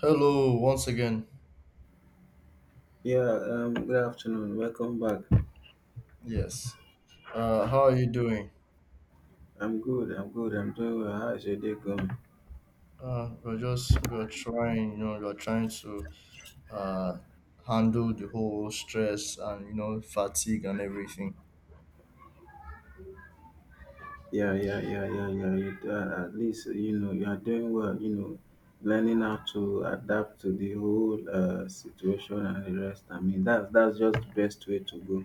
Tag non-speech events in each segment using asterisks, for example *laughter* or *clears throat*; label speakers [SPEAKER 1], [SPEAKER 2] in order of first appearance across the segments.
[SPEAKER 1] Hello, once again.
[SPEAKER 2] Yeah, good afternoon. Welcome back.
[SPEAKER 1] Yes. How are you doing?
[SPEAKER 2] I'm good. I'm good. I'm doing well. How's your day going?
[SPEAKER 1] We're just we're trying, you know, We're trying to uh, handle the whole stress and fatigue and everything.
[SPEAKER 2] Yeah, yeah, yeah, yeah, yeah. You, at least you know you are doing well. Learning how to adapt to the whole situation and the rest. I mean, that's just the best way to go.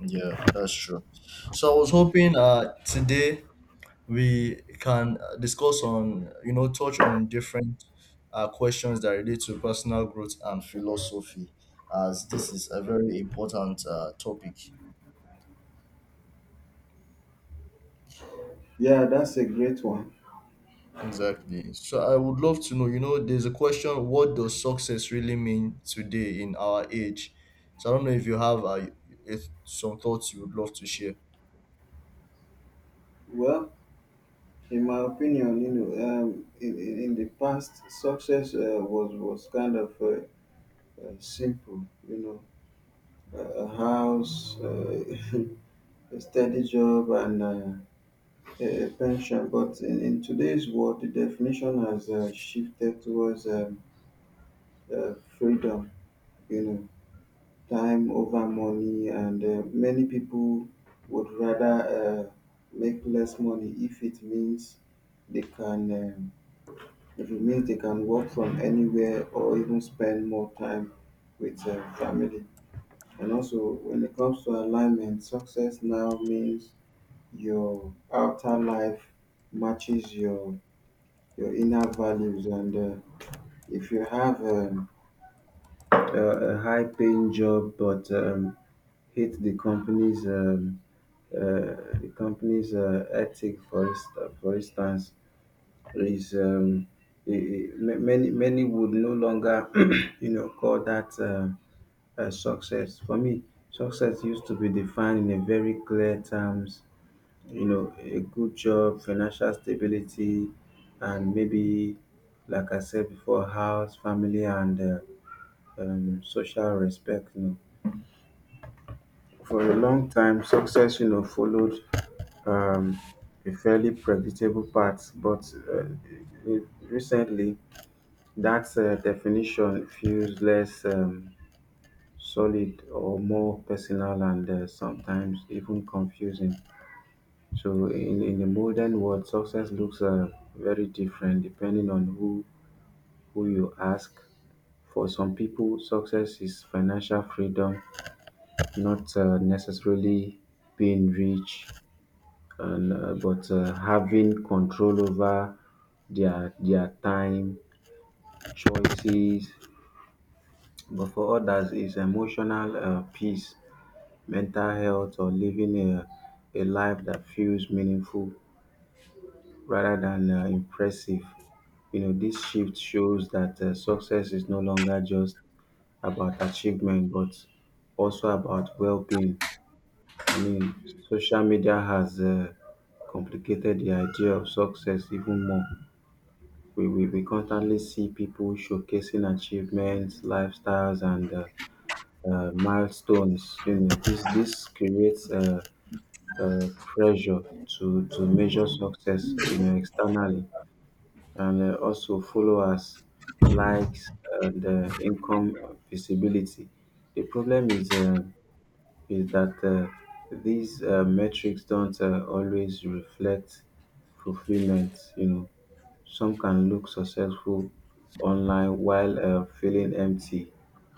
[SPEAKER 1] Yeah, that's true. So I was hoping today we can discuss on you know touch on different questions that relate to personal growth and philosophy, as this is a very important topic.
[SPEAKER 2] Yeah, that's a great one.
[SPEAKER 1] Exactly. So I would love to know, there's a question: what does success really mean today in our age? So I don't know if you have, if some thoughts you would love to share.
[SPEAKER 2] Well, in my opinion, in the past, success was kind of simple. A house, *laughs* a steady job and a pension. But in today's world, the definition has shifted towards freedom, you know, time over money, and many people would rather make less money if it means they can. If it means they can work from anywhere or even spend more time with family. And also, when it comes to alignment, success now means your outer life matches your inner values. And if you have a high paying job but hate uh, the company's ethic, for instance, is many would no longer *clears throat* call that a success. For me, success used to be defined in a very clear terms, a good job, financial stability, and maybe, like I said before, house, family, and social respect. For a long time, success, followed um, a fairly predictable path, but recently, that definition feels less solid or more personal, and sometimes even confusing. So in the modern world, success looks very different depending on who you ask. For some people, success is financial freedom, not necessarily being rich, and but having control over their time, choices. But for others, it's emotional peace, mental health, or living a life that feels meaningful rather than impressive. This shift shows that success is no longer just about achievement, but also about well being. I mean, social media has complicated the idea of success even more. We constantly see people showcasing achievements, lifestyles, and milestones. This creates pressure to measure success, externally and also followers, likes, and income visibility. The problem is that these metrics don't always reflect fulfillment. Some can look successful online while feeling empty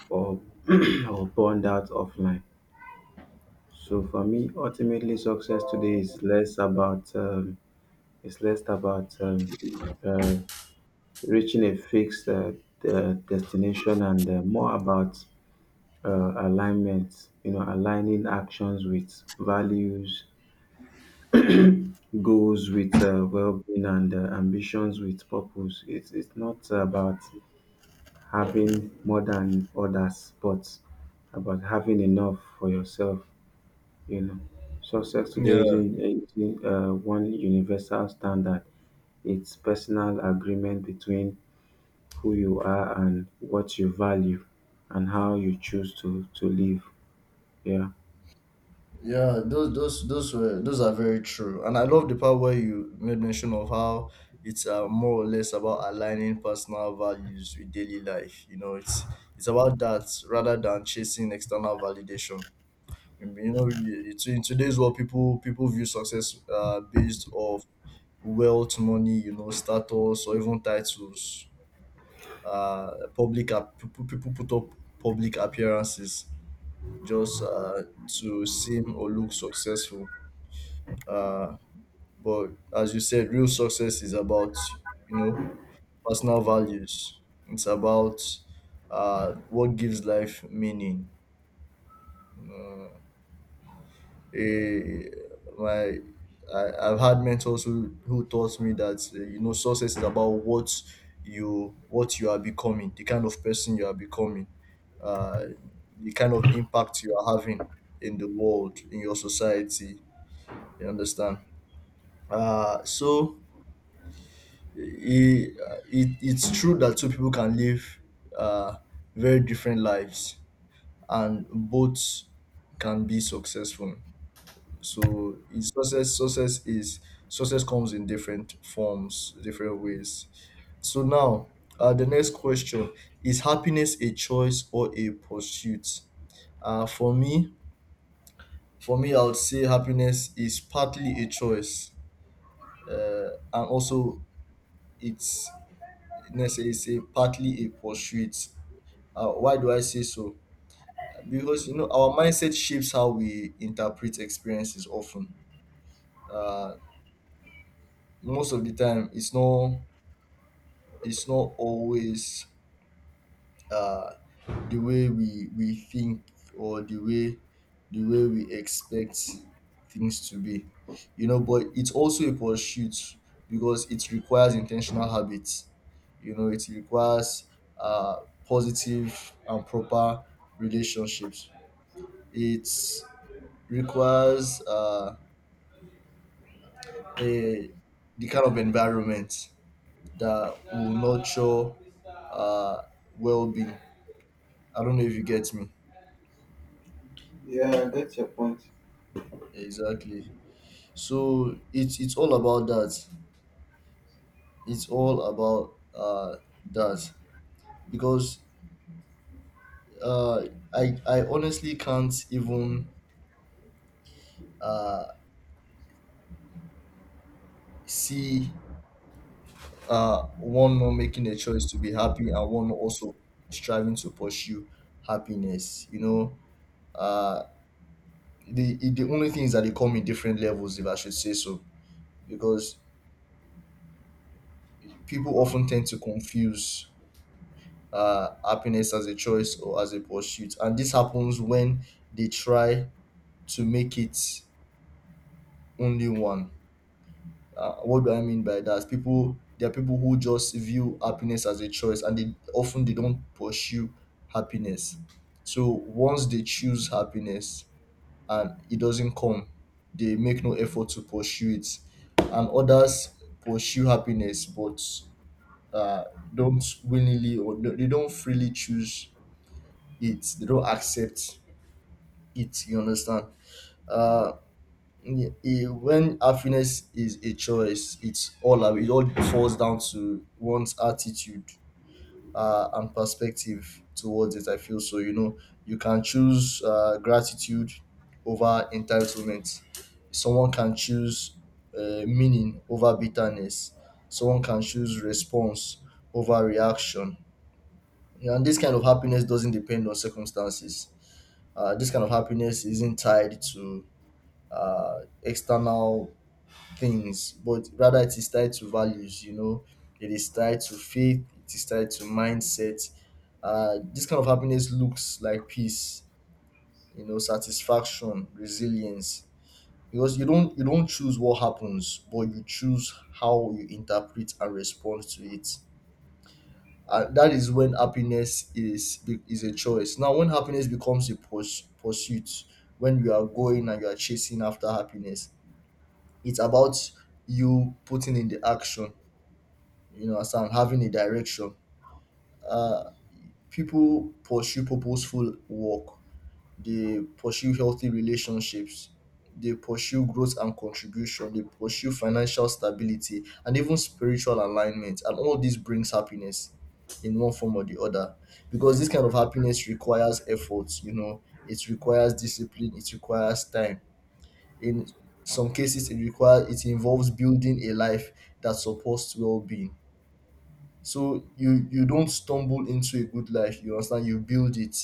[SPEAKER 2] or *clears throat* or burned out offline. So for me, ultimately, success today is less about it's less about uh, reaching a fixed destination and more about alignment, aligning actions with values, goals with well being, and ambitions with purpose. It's not about having more than others, but about having enough for yourself, you know. Success today
[SPEAKER 1] Yeah.
[SPEAKER 2] isn't one universal standard. It's personal agreement between who you are and what you value and how you choose to live. Yeah.
[SPEAKER 1] Those are very true, and I love the part where you made mention of how it's more or less about aligning personal values with daily life. It's it's about that rather than chasing external validation. In today's world, people view success, based off wealth, money, status, or even titles. Public ap- p- p- people put up public appearances just to seem or look successful. Uh, but as you said, real success is about, you know personal values. It's about what gives life meaning. eh, my I've had mentors who taught me that, success is about what you are becoming, the kind of person you are becoming, uh, the kind of impact you are having in the world, in your society. You understand? Uh, so it, it it's true that two people can live uh, very different lives, and both can be successful. So in success, success is success comes in different forms, different ways. So now, the next question: is happiness a choice or a pursuit? Uh, for me, for me, I would say happiness is partly a choice, and also it's let's say it's a partly a pursuit. Why do I say so? Because, our mindset shapes how we interpret experiences often. Uh, Most of the time, it's not, always uh, the way we think, or the way, we expect things to be, but it's also a pursuit, because it requires intentional habits. It requires uh, positive and proper relationships. It requires, a the kind of environment that will nurture uh, well-being. I don't know if you get me.
[SPEAKER 2] Yeah, that's your point.
[SPEAKER 1] Yeah, exactly. So it's all about that. It's all about that, because uh I honestly can't even uh see one not making a choice to be happy, and one also striving to pursue happiness. Uh the only thing is that they come in different levels, if I should say so, because people often tend to confuse happiness as a choice or as a pursuit. And this happens when they try to make it only one. What do I mean by that? There are people who just view happiness as a choice, and they often, they don't pursue happiness. So once they choose happiness and it doesn't come, they make no effort to pursue it. And others pursue happiness, but uh, don't willingly, or they don't freely choose it, they don't accept it. You understand? Uh y- y- when happiness is a choice, it all falls down to one's attitude and perspective towards it, I feel so. You can choose gratitude over entitlement. Someone can choose meaning over bitterness. Someone can choose response over reaction. And this kind of happiness doesn't depend on circumstances. This kind of happiness isn't tied to external things, but rather it is tied to values. It is tied to faith. It is tied to mindset. This kind of happiness looks like peace. Satisfaction, resilience. Because you don't, you don't choose what happens, but you choose how you interpret and respond to it. That is when happiness is a choice. Now, when happiness becomes pursuit, when you are going and you are chasing after happiness, it's about you putting in the action, as I'm having a direction. Uh people pursue purposeful work. They pursue healthy relationships. They pursue growth and contribution. They pursue financial stability and even spiritual alignment, and all this brings happiness in one form or the other. Because this kind of happiness requires effort. It requires discipline. It requires time, in some cases. It involves building a life that supports well-being. So you don't stumble into a good life. You understand? You build it.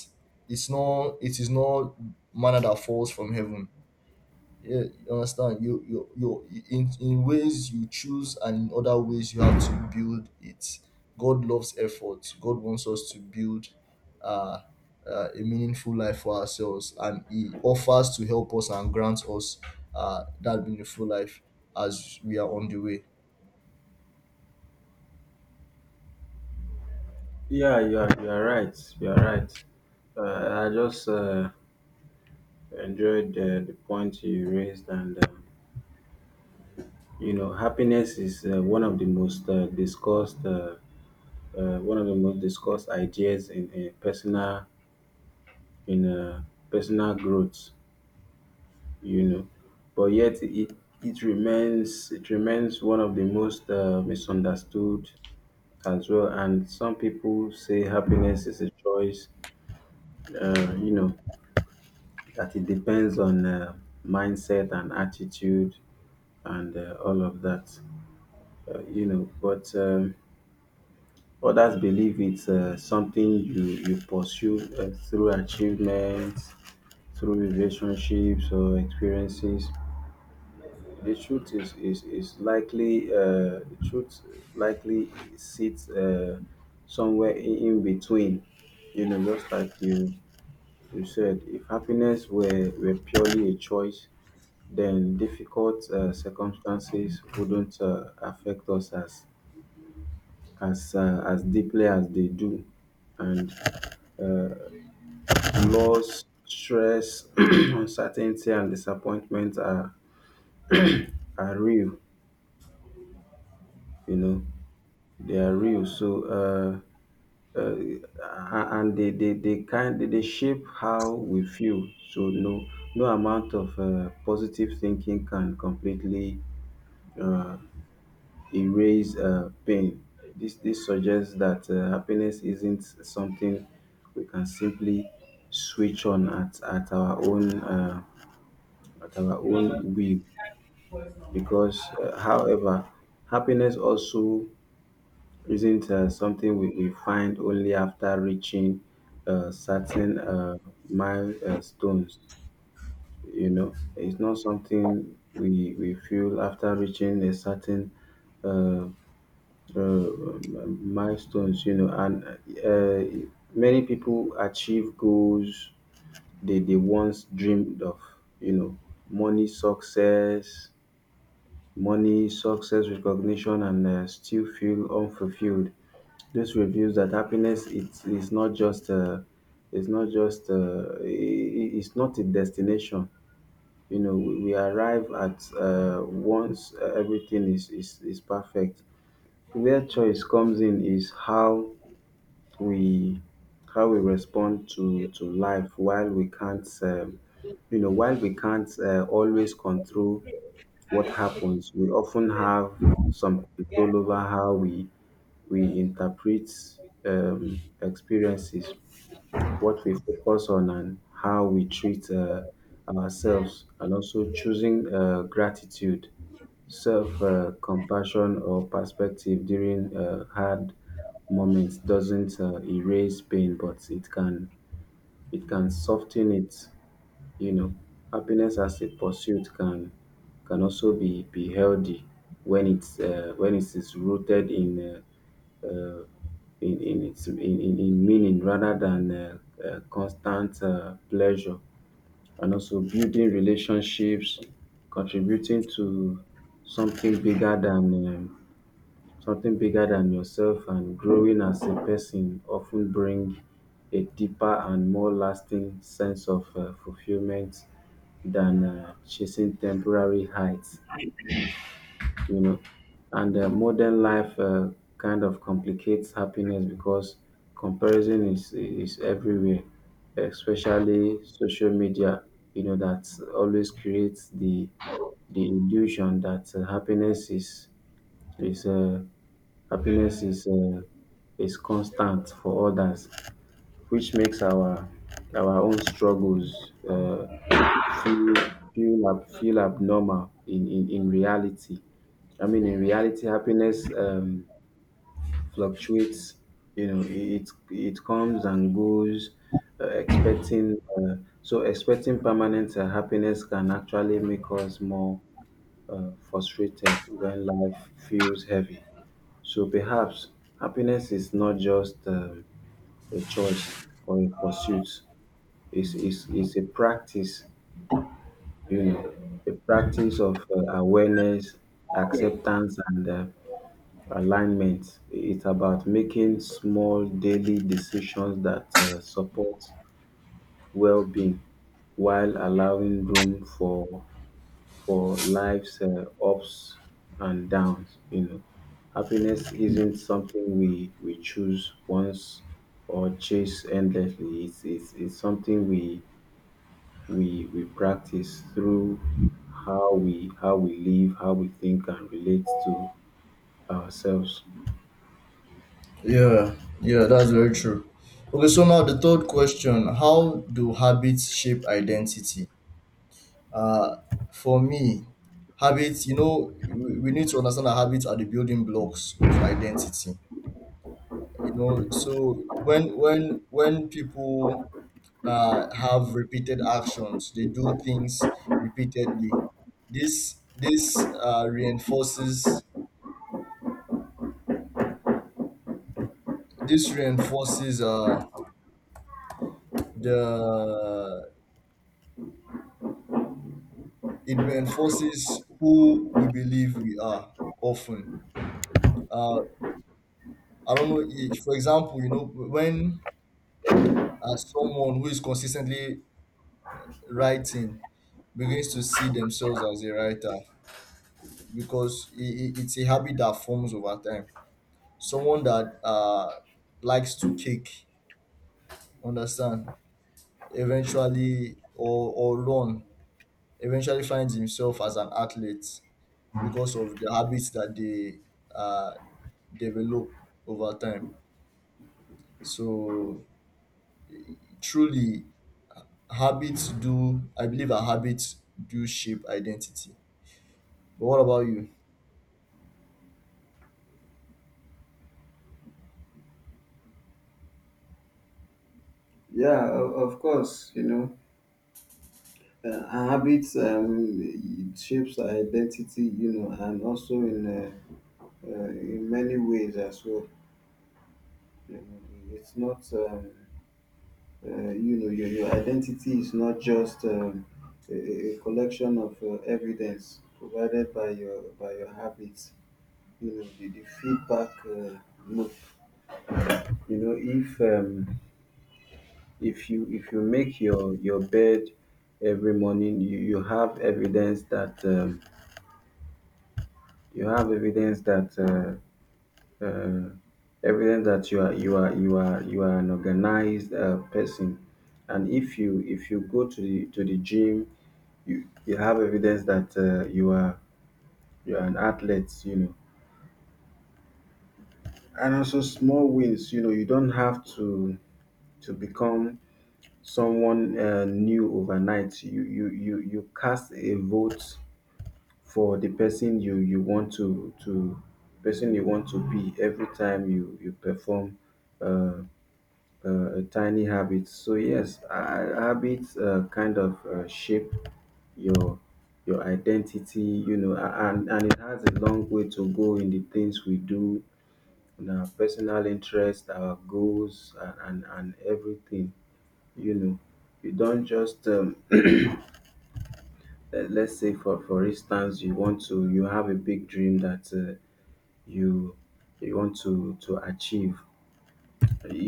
[SPEAKER 1] It's not, it is not manna that falls from heaven. Yeah, you understand? You in ways you choose, and in other ways you have to build it. God loves effort. God wants us to build. Uh, a meaningful life for ourselves, and he offers to help us and grant us that meaningful life as we are on the way.
[SPEAKER 2] Yeah, you are right. You are right. I just enjoyed the point you raised, and happiness is one of the most discussed ideas in personal growth. You know, but yet it remains one of the most misunderstood as well. And some people say happiness is a choice, uh, you know, that it depends on mindset and attitude and all of that. But others believe it's something you pursue through achievements, through relationships or experiences. The truth is likely the truth likely sits somewhere in between. Just like you said, if happiness were purely a choice, then difficult circumstances wouldn't affect us as deeply as they do, and loss, stress, *clears throat* uncertainty, and disappointment are real. You know, they are real. So. Uh, and they shape how we feel. So no amount of positive thinking can completely uh, erase pain. This suggests that happiness isn't something we can simply switch on at our own will because however happiness also isn't something we find only after reaching certain milestones. It's not something we feel after reaching a certain uh, uh, milestones, and uh, many people achieve goals they once dreamed of, you know, money, success, money, success, recognition, and still feel unfulfilled. This reveals that happiness it's is not just I- it's not a destination. We arrive at once everything is perfect. Where choice comes in is we how we respond to life. While we can't always control what happens, we often have some control over how we interpret experiences, what we focus on, and how we treat ourselves. And also choosing gratitude, self compassion, or perspective during hard moments doesn't erase pain, but it can soften it. You know, happiness as a pursuit can also be healthy when it is rooted in uh, uh, in its in meaning rather than constant pleasure. And also building relationships, contributing to something bigger than um something bigger than yourself, and growing as a person often bring a deeper and more lasting sense of fulfillment than chasing temporary heights you know. And modern life kind of complicates happiness because comparison is everywhere, especially social media. That always creates the illusion that is uh, happiness is constant for others, which makes our own struggles feel abnormal in reality. I mean, in reality, happiness fluctuates. It comes and goes. Expecting so expecting permanent happiness can actually make us more frustrated when life feels heavy. So perhaps happiness is not just a choice or a pursuit. It's a practice, you know, a practice of awareness, acceptance, and alignment. It's about making small daily decisions that support well-being while allowing room for life's ups and downs. Happiness isn't something we choose once or chase endlessly. It's something we practice through how we live, how we think and relate to ourselves.
[SPEAKER 1] Yeah, yeah, that's very true. Okay, so now the third question: how do habits shape identity? Uh, for me, habits, we need to understand that habits are the building blocks of identity. When people have repeated actions, they do things repeatedly. This reinforces this reinforces the it reinforces who we believe we are, often. Uh, I don't know, for example, when someone who is consistently writing begins to see themselves as a writer, because it's a habit that forms over time. Someone that likes to kick, understand, eventually, or run, eventually finds himself as an athlete, because of the habits that they uh, develop over time. So truly, habits do. I believe our habits do shape identity. But what about you?
[SPEAKER 2] Yeah, of course, our habits it shapes our identity, and also in many ways as well. You know, it's not, you know, your identity is not just a collection of evidence provided by your habits. The feedback loop. you know if um if you make your bed every morning, you have evidence that you have evidence that uh, uh, evidence that you are an organized person. And if you go to the gym, you have evidence that you are an athlete. And also small wins. You don't have to become someone new overnight. You cast a vote for the person you want to person you want to be every time you perform uh, a tiny habit. So yes, habits kind of shape your your identity. And it has a long way to go in the things we do, in our personal interest, our goals, and everything you know you don't just let's say, for instance, you want to you have a big dream that you you want to achieve.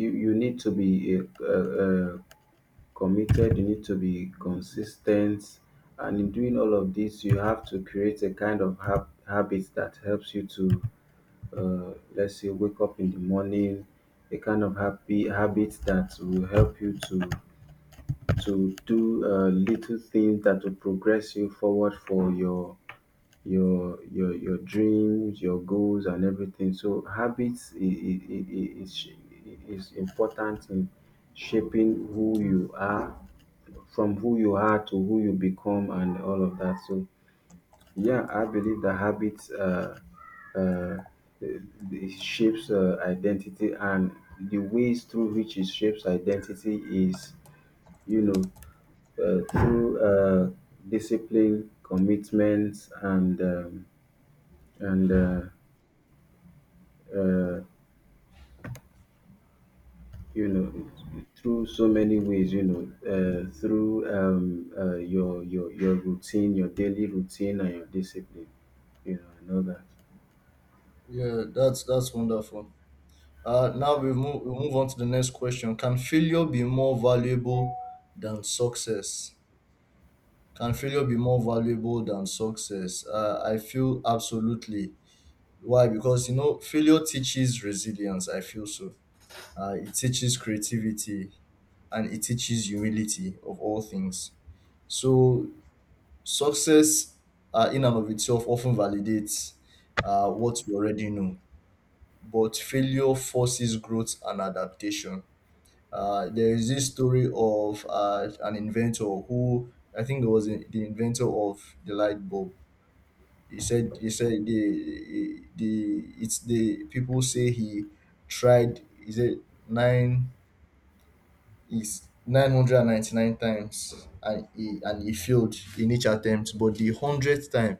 [SPEAKER 2] You need to be committed. You need to be consistent. And in doing all of this, you have to create a kind of habit that helps you to, let's say, wake up in the morning. A kind of happy habit that will help you to do little things that will progress you forward for your dreams, your goals, and everything. So habits is, sh- is important in shaping who you are, from who you are to who you become, and all of that. So yeah, I believe that habits uh, it shapes identity, and the ways through which it shapes identity is you know through discipline, commitments, and uh, you know, through so many ways, through your routine, your daily routine, and your discipline, you know, and all that.
[SPEAKER 1] Yeah, that's wonderful. Now we move on to the next question. Can failure be more valuable than success? Can failure be more valuable than success? I feel, absolutely. Why? Because, failure teaches resilience. I feel so. It teaches creativity, and it teaches humility of all things. So success, in and of itself, often validates what we already know, but failure forces growth and adaptation. There is this story of an inventor who, I think, it was the inventor of the light bulb. He said, the it's the people say, he tried, he said nine is 999 times, and he failed in each attempt, but the 100th time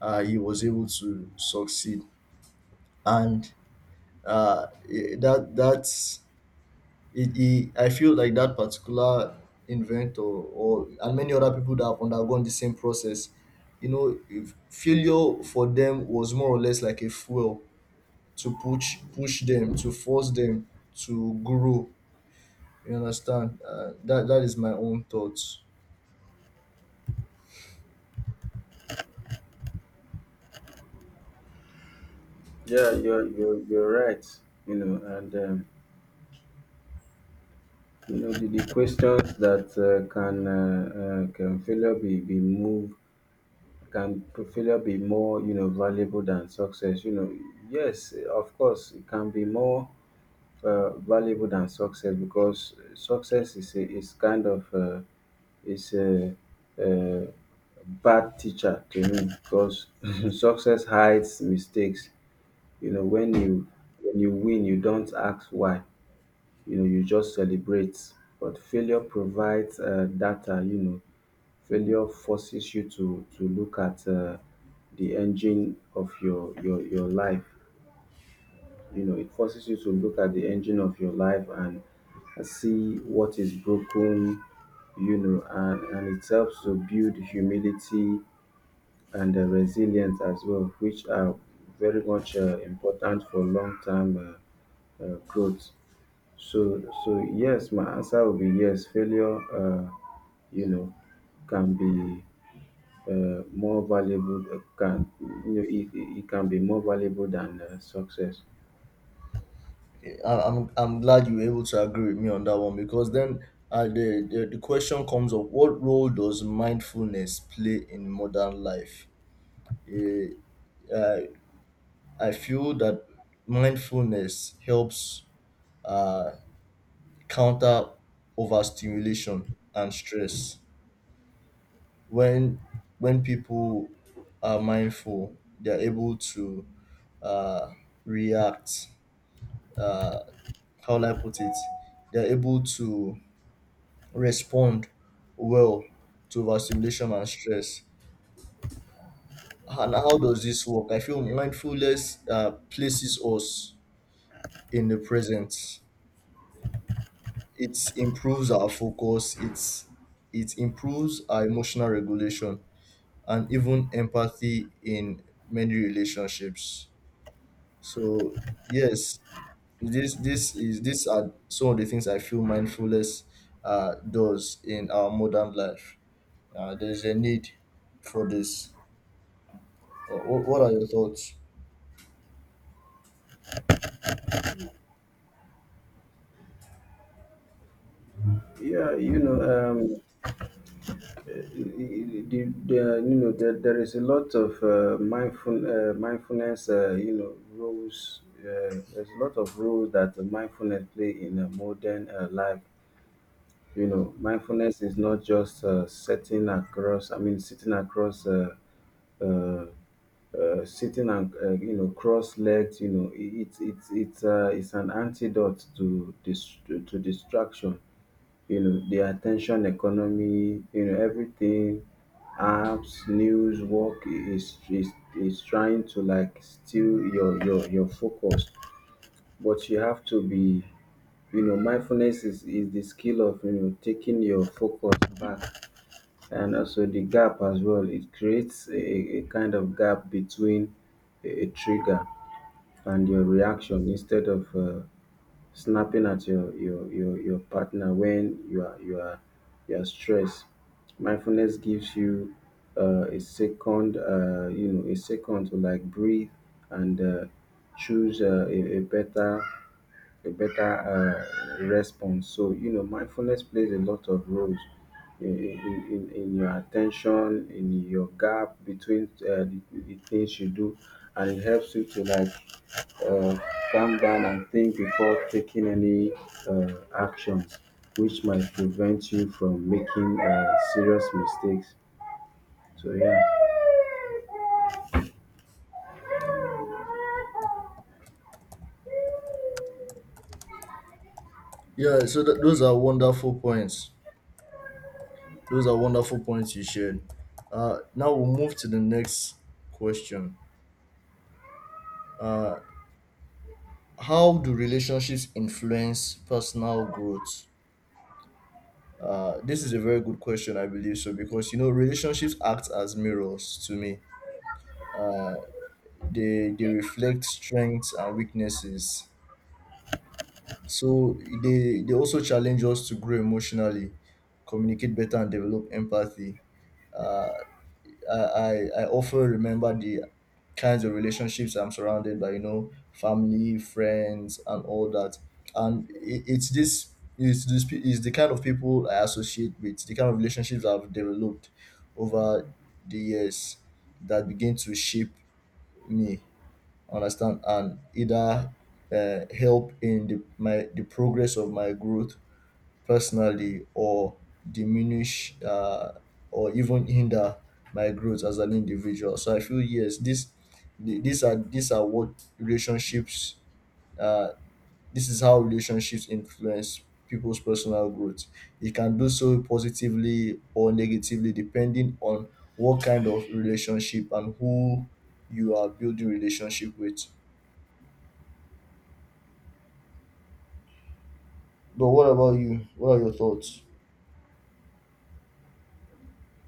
[SPEAKER 1] he was able to succeed. And that's it, I feel like that particular inventor, or and many other people that have undergone the same process, If failure for them was more or less like a fuel to push them, to force them to grow. You understand? That is my own thoughts.
[SPEAKER 2] Yeah, you're right. You know, and you know the questions that can failure be moved can failure be more, you know, valuable than success? You know, yes, of course, it can be more valuable than success because success is kind of is a, a bad teacher to me because *laughs* success hides mistakes. You know, when you win, you don't ask why. You know, you just celebrate. But failure provides data. You know, failure forces you to look at the engine of your life. You know, it forces you to look at the engine of your life and see what is broken. You know, and it helps to build humility and resilience as well, which are very much important for long-term growth. So yes, my answer will be yes. Failure you know can be more valuable. Uh, can you know it, it it can be more valuable than success.
[SPEAKER 1] I'm glad you were able to agree with me on that one, because then, the question comes up: what role does mindfulness play in modern life? Eh, uh, I feel that mindfulness helps uh, counter overstimulation and stress. When when people are mindful, they're able to uh, react uh, how will I put it they're able to respond well to overstimulation and stress. And how does this work? I feel mindfulness places us in the present. It improves our focus. It improves our emotional regulation and even empathy in many relationships. So yes, this is these are some of the things I feel mindfulness does in our modern life. There is a need for this. What are your thoughts?
[SPEAKER 2] Yeah, you know, um, you know, there is a lot of mindfulness roles. There's a lot of roles that mindfulness play in a modern life. You know, mindfulness is not just sitting across uh, sitting and, you know, cross-legged. You know, it, it's an antidote to this, to distraction. You know, the attention economy, you know, everything, apps, news, work is is trying to like steal your focus. But you have to be, you know, mindfulness is the skill of, you know, taking your focus back, and also the gap as well. It creates a kind of gap between a trigger and your reaction instead of. Snapping at your partner when you are stressed. Mindfulness gives you a second, you know, a second to like breathe and choose a better response. So, you know, mindfulness plays a lot of roles in, in, in your attention, in your gap between the things you do, and it helps you to like uh, calm down and think before taking any actions, which might prevent you from making serious mistakes. So yeah.
[SPEAKER 1] Yeah, so those are wonderful points. Those are wonderful points you shared. Now we'll move to the next question. Uh, how do relationships influence personal growth? This is a very good question, I believe so, because, relationships act as mirrors to me. Uh, they they reflect strengths and weaknesses. So they also challenge us to grow emotionally, communicate better, and develop empathy. Uh, I, I i often remember the kinds of relationships I'm surrounded by, family, friends, and all that. And it, it's this is this pe- is the kind of people I associate with, the kind of relationships I've developed over the years, that begin to shape me, understand, and either help in the progress of my growth personally, or diminish, or even hinder my growth as an individual. So I feel, yes, this the- these are what relationships, uh, this is how relationships influence people's personal growth. It can do so positively or negatively, depending on what kind of relationship, and who you are building relationship with. But what about you? What are your thoughts?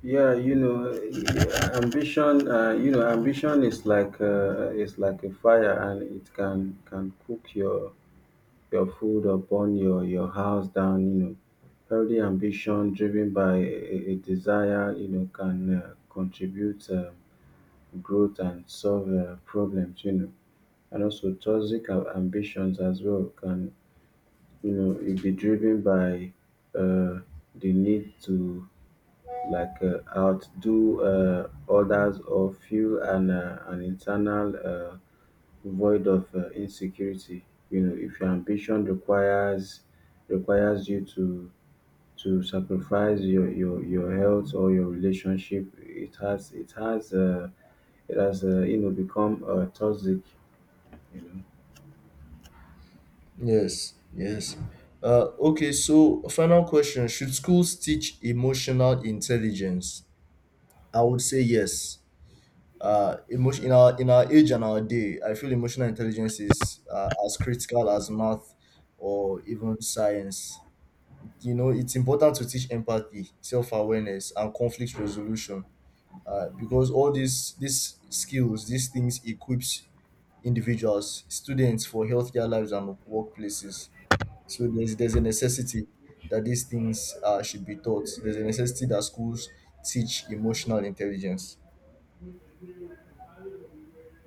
[SPEAKER 2] Yeah, you know, ambition. You know, ambition is like a fire, and it can cook your food or burn your house down. You know, healthy ambition driven by a desire, you know, can contribute growth and solve problems. You know, and also toxic ambitions as well can, you know, it be driven by uh, the need to like outdo others or feel an internal void of insecurity. You know, if your ambition requires you to sacrifice your health or your relationship, it has you know become toxic. You know.
[SPEAKER 1] Yes, yes. Okay, so final question. Should schools teach emotional intelligence? I would say yes. Emotion in our age and our day, I feel emotional intelligence is as critical as math or even science. It's important to teach empathy, self awareness, and conflict resolution, because all these skills these things equips individuals, students, for healthier lives and workplaces. So there's a necessity that these things should be taught. There's a necessity that schools teach emotional intelligence.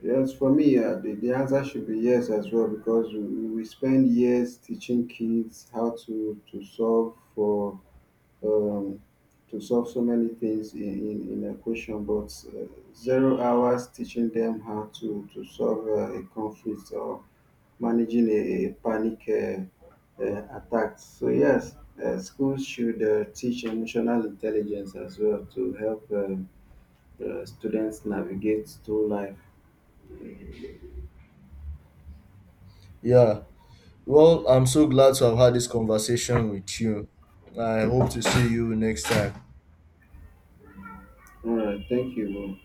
[SPEAKER 2] Yes, for me, the answer should be yes as well, because we spend years teaching kids how to solve for um, to solve so many things in a question, but 0 hours teaching them how to solve a conflict or managing a panic attack. So yes, schools should teach emotional intelligence as well to help students navigate through life.
[SPEAKER 1] Yeah. Well, I'm so glad to have had this conversation with you. I hope to see you next time.
[SPEAKER 2] All right, thank you.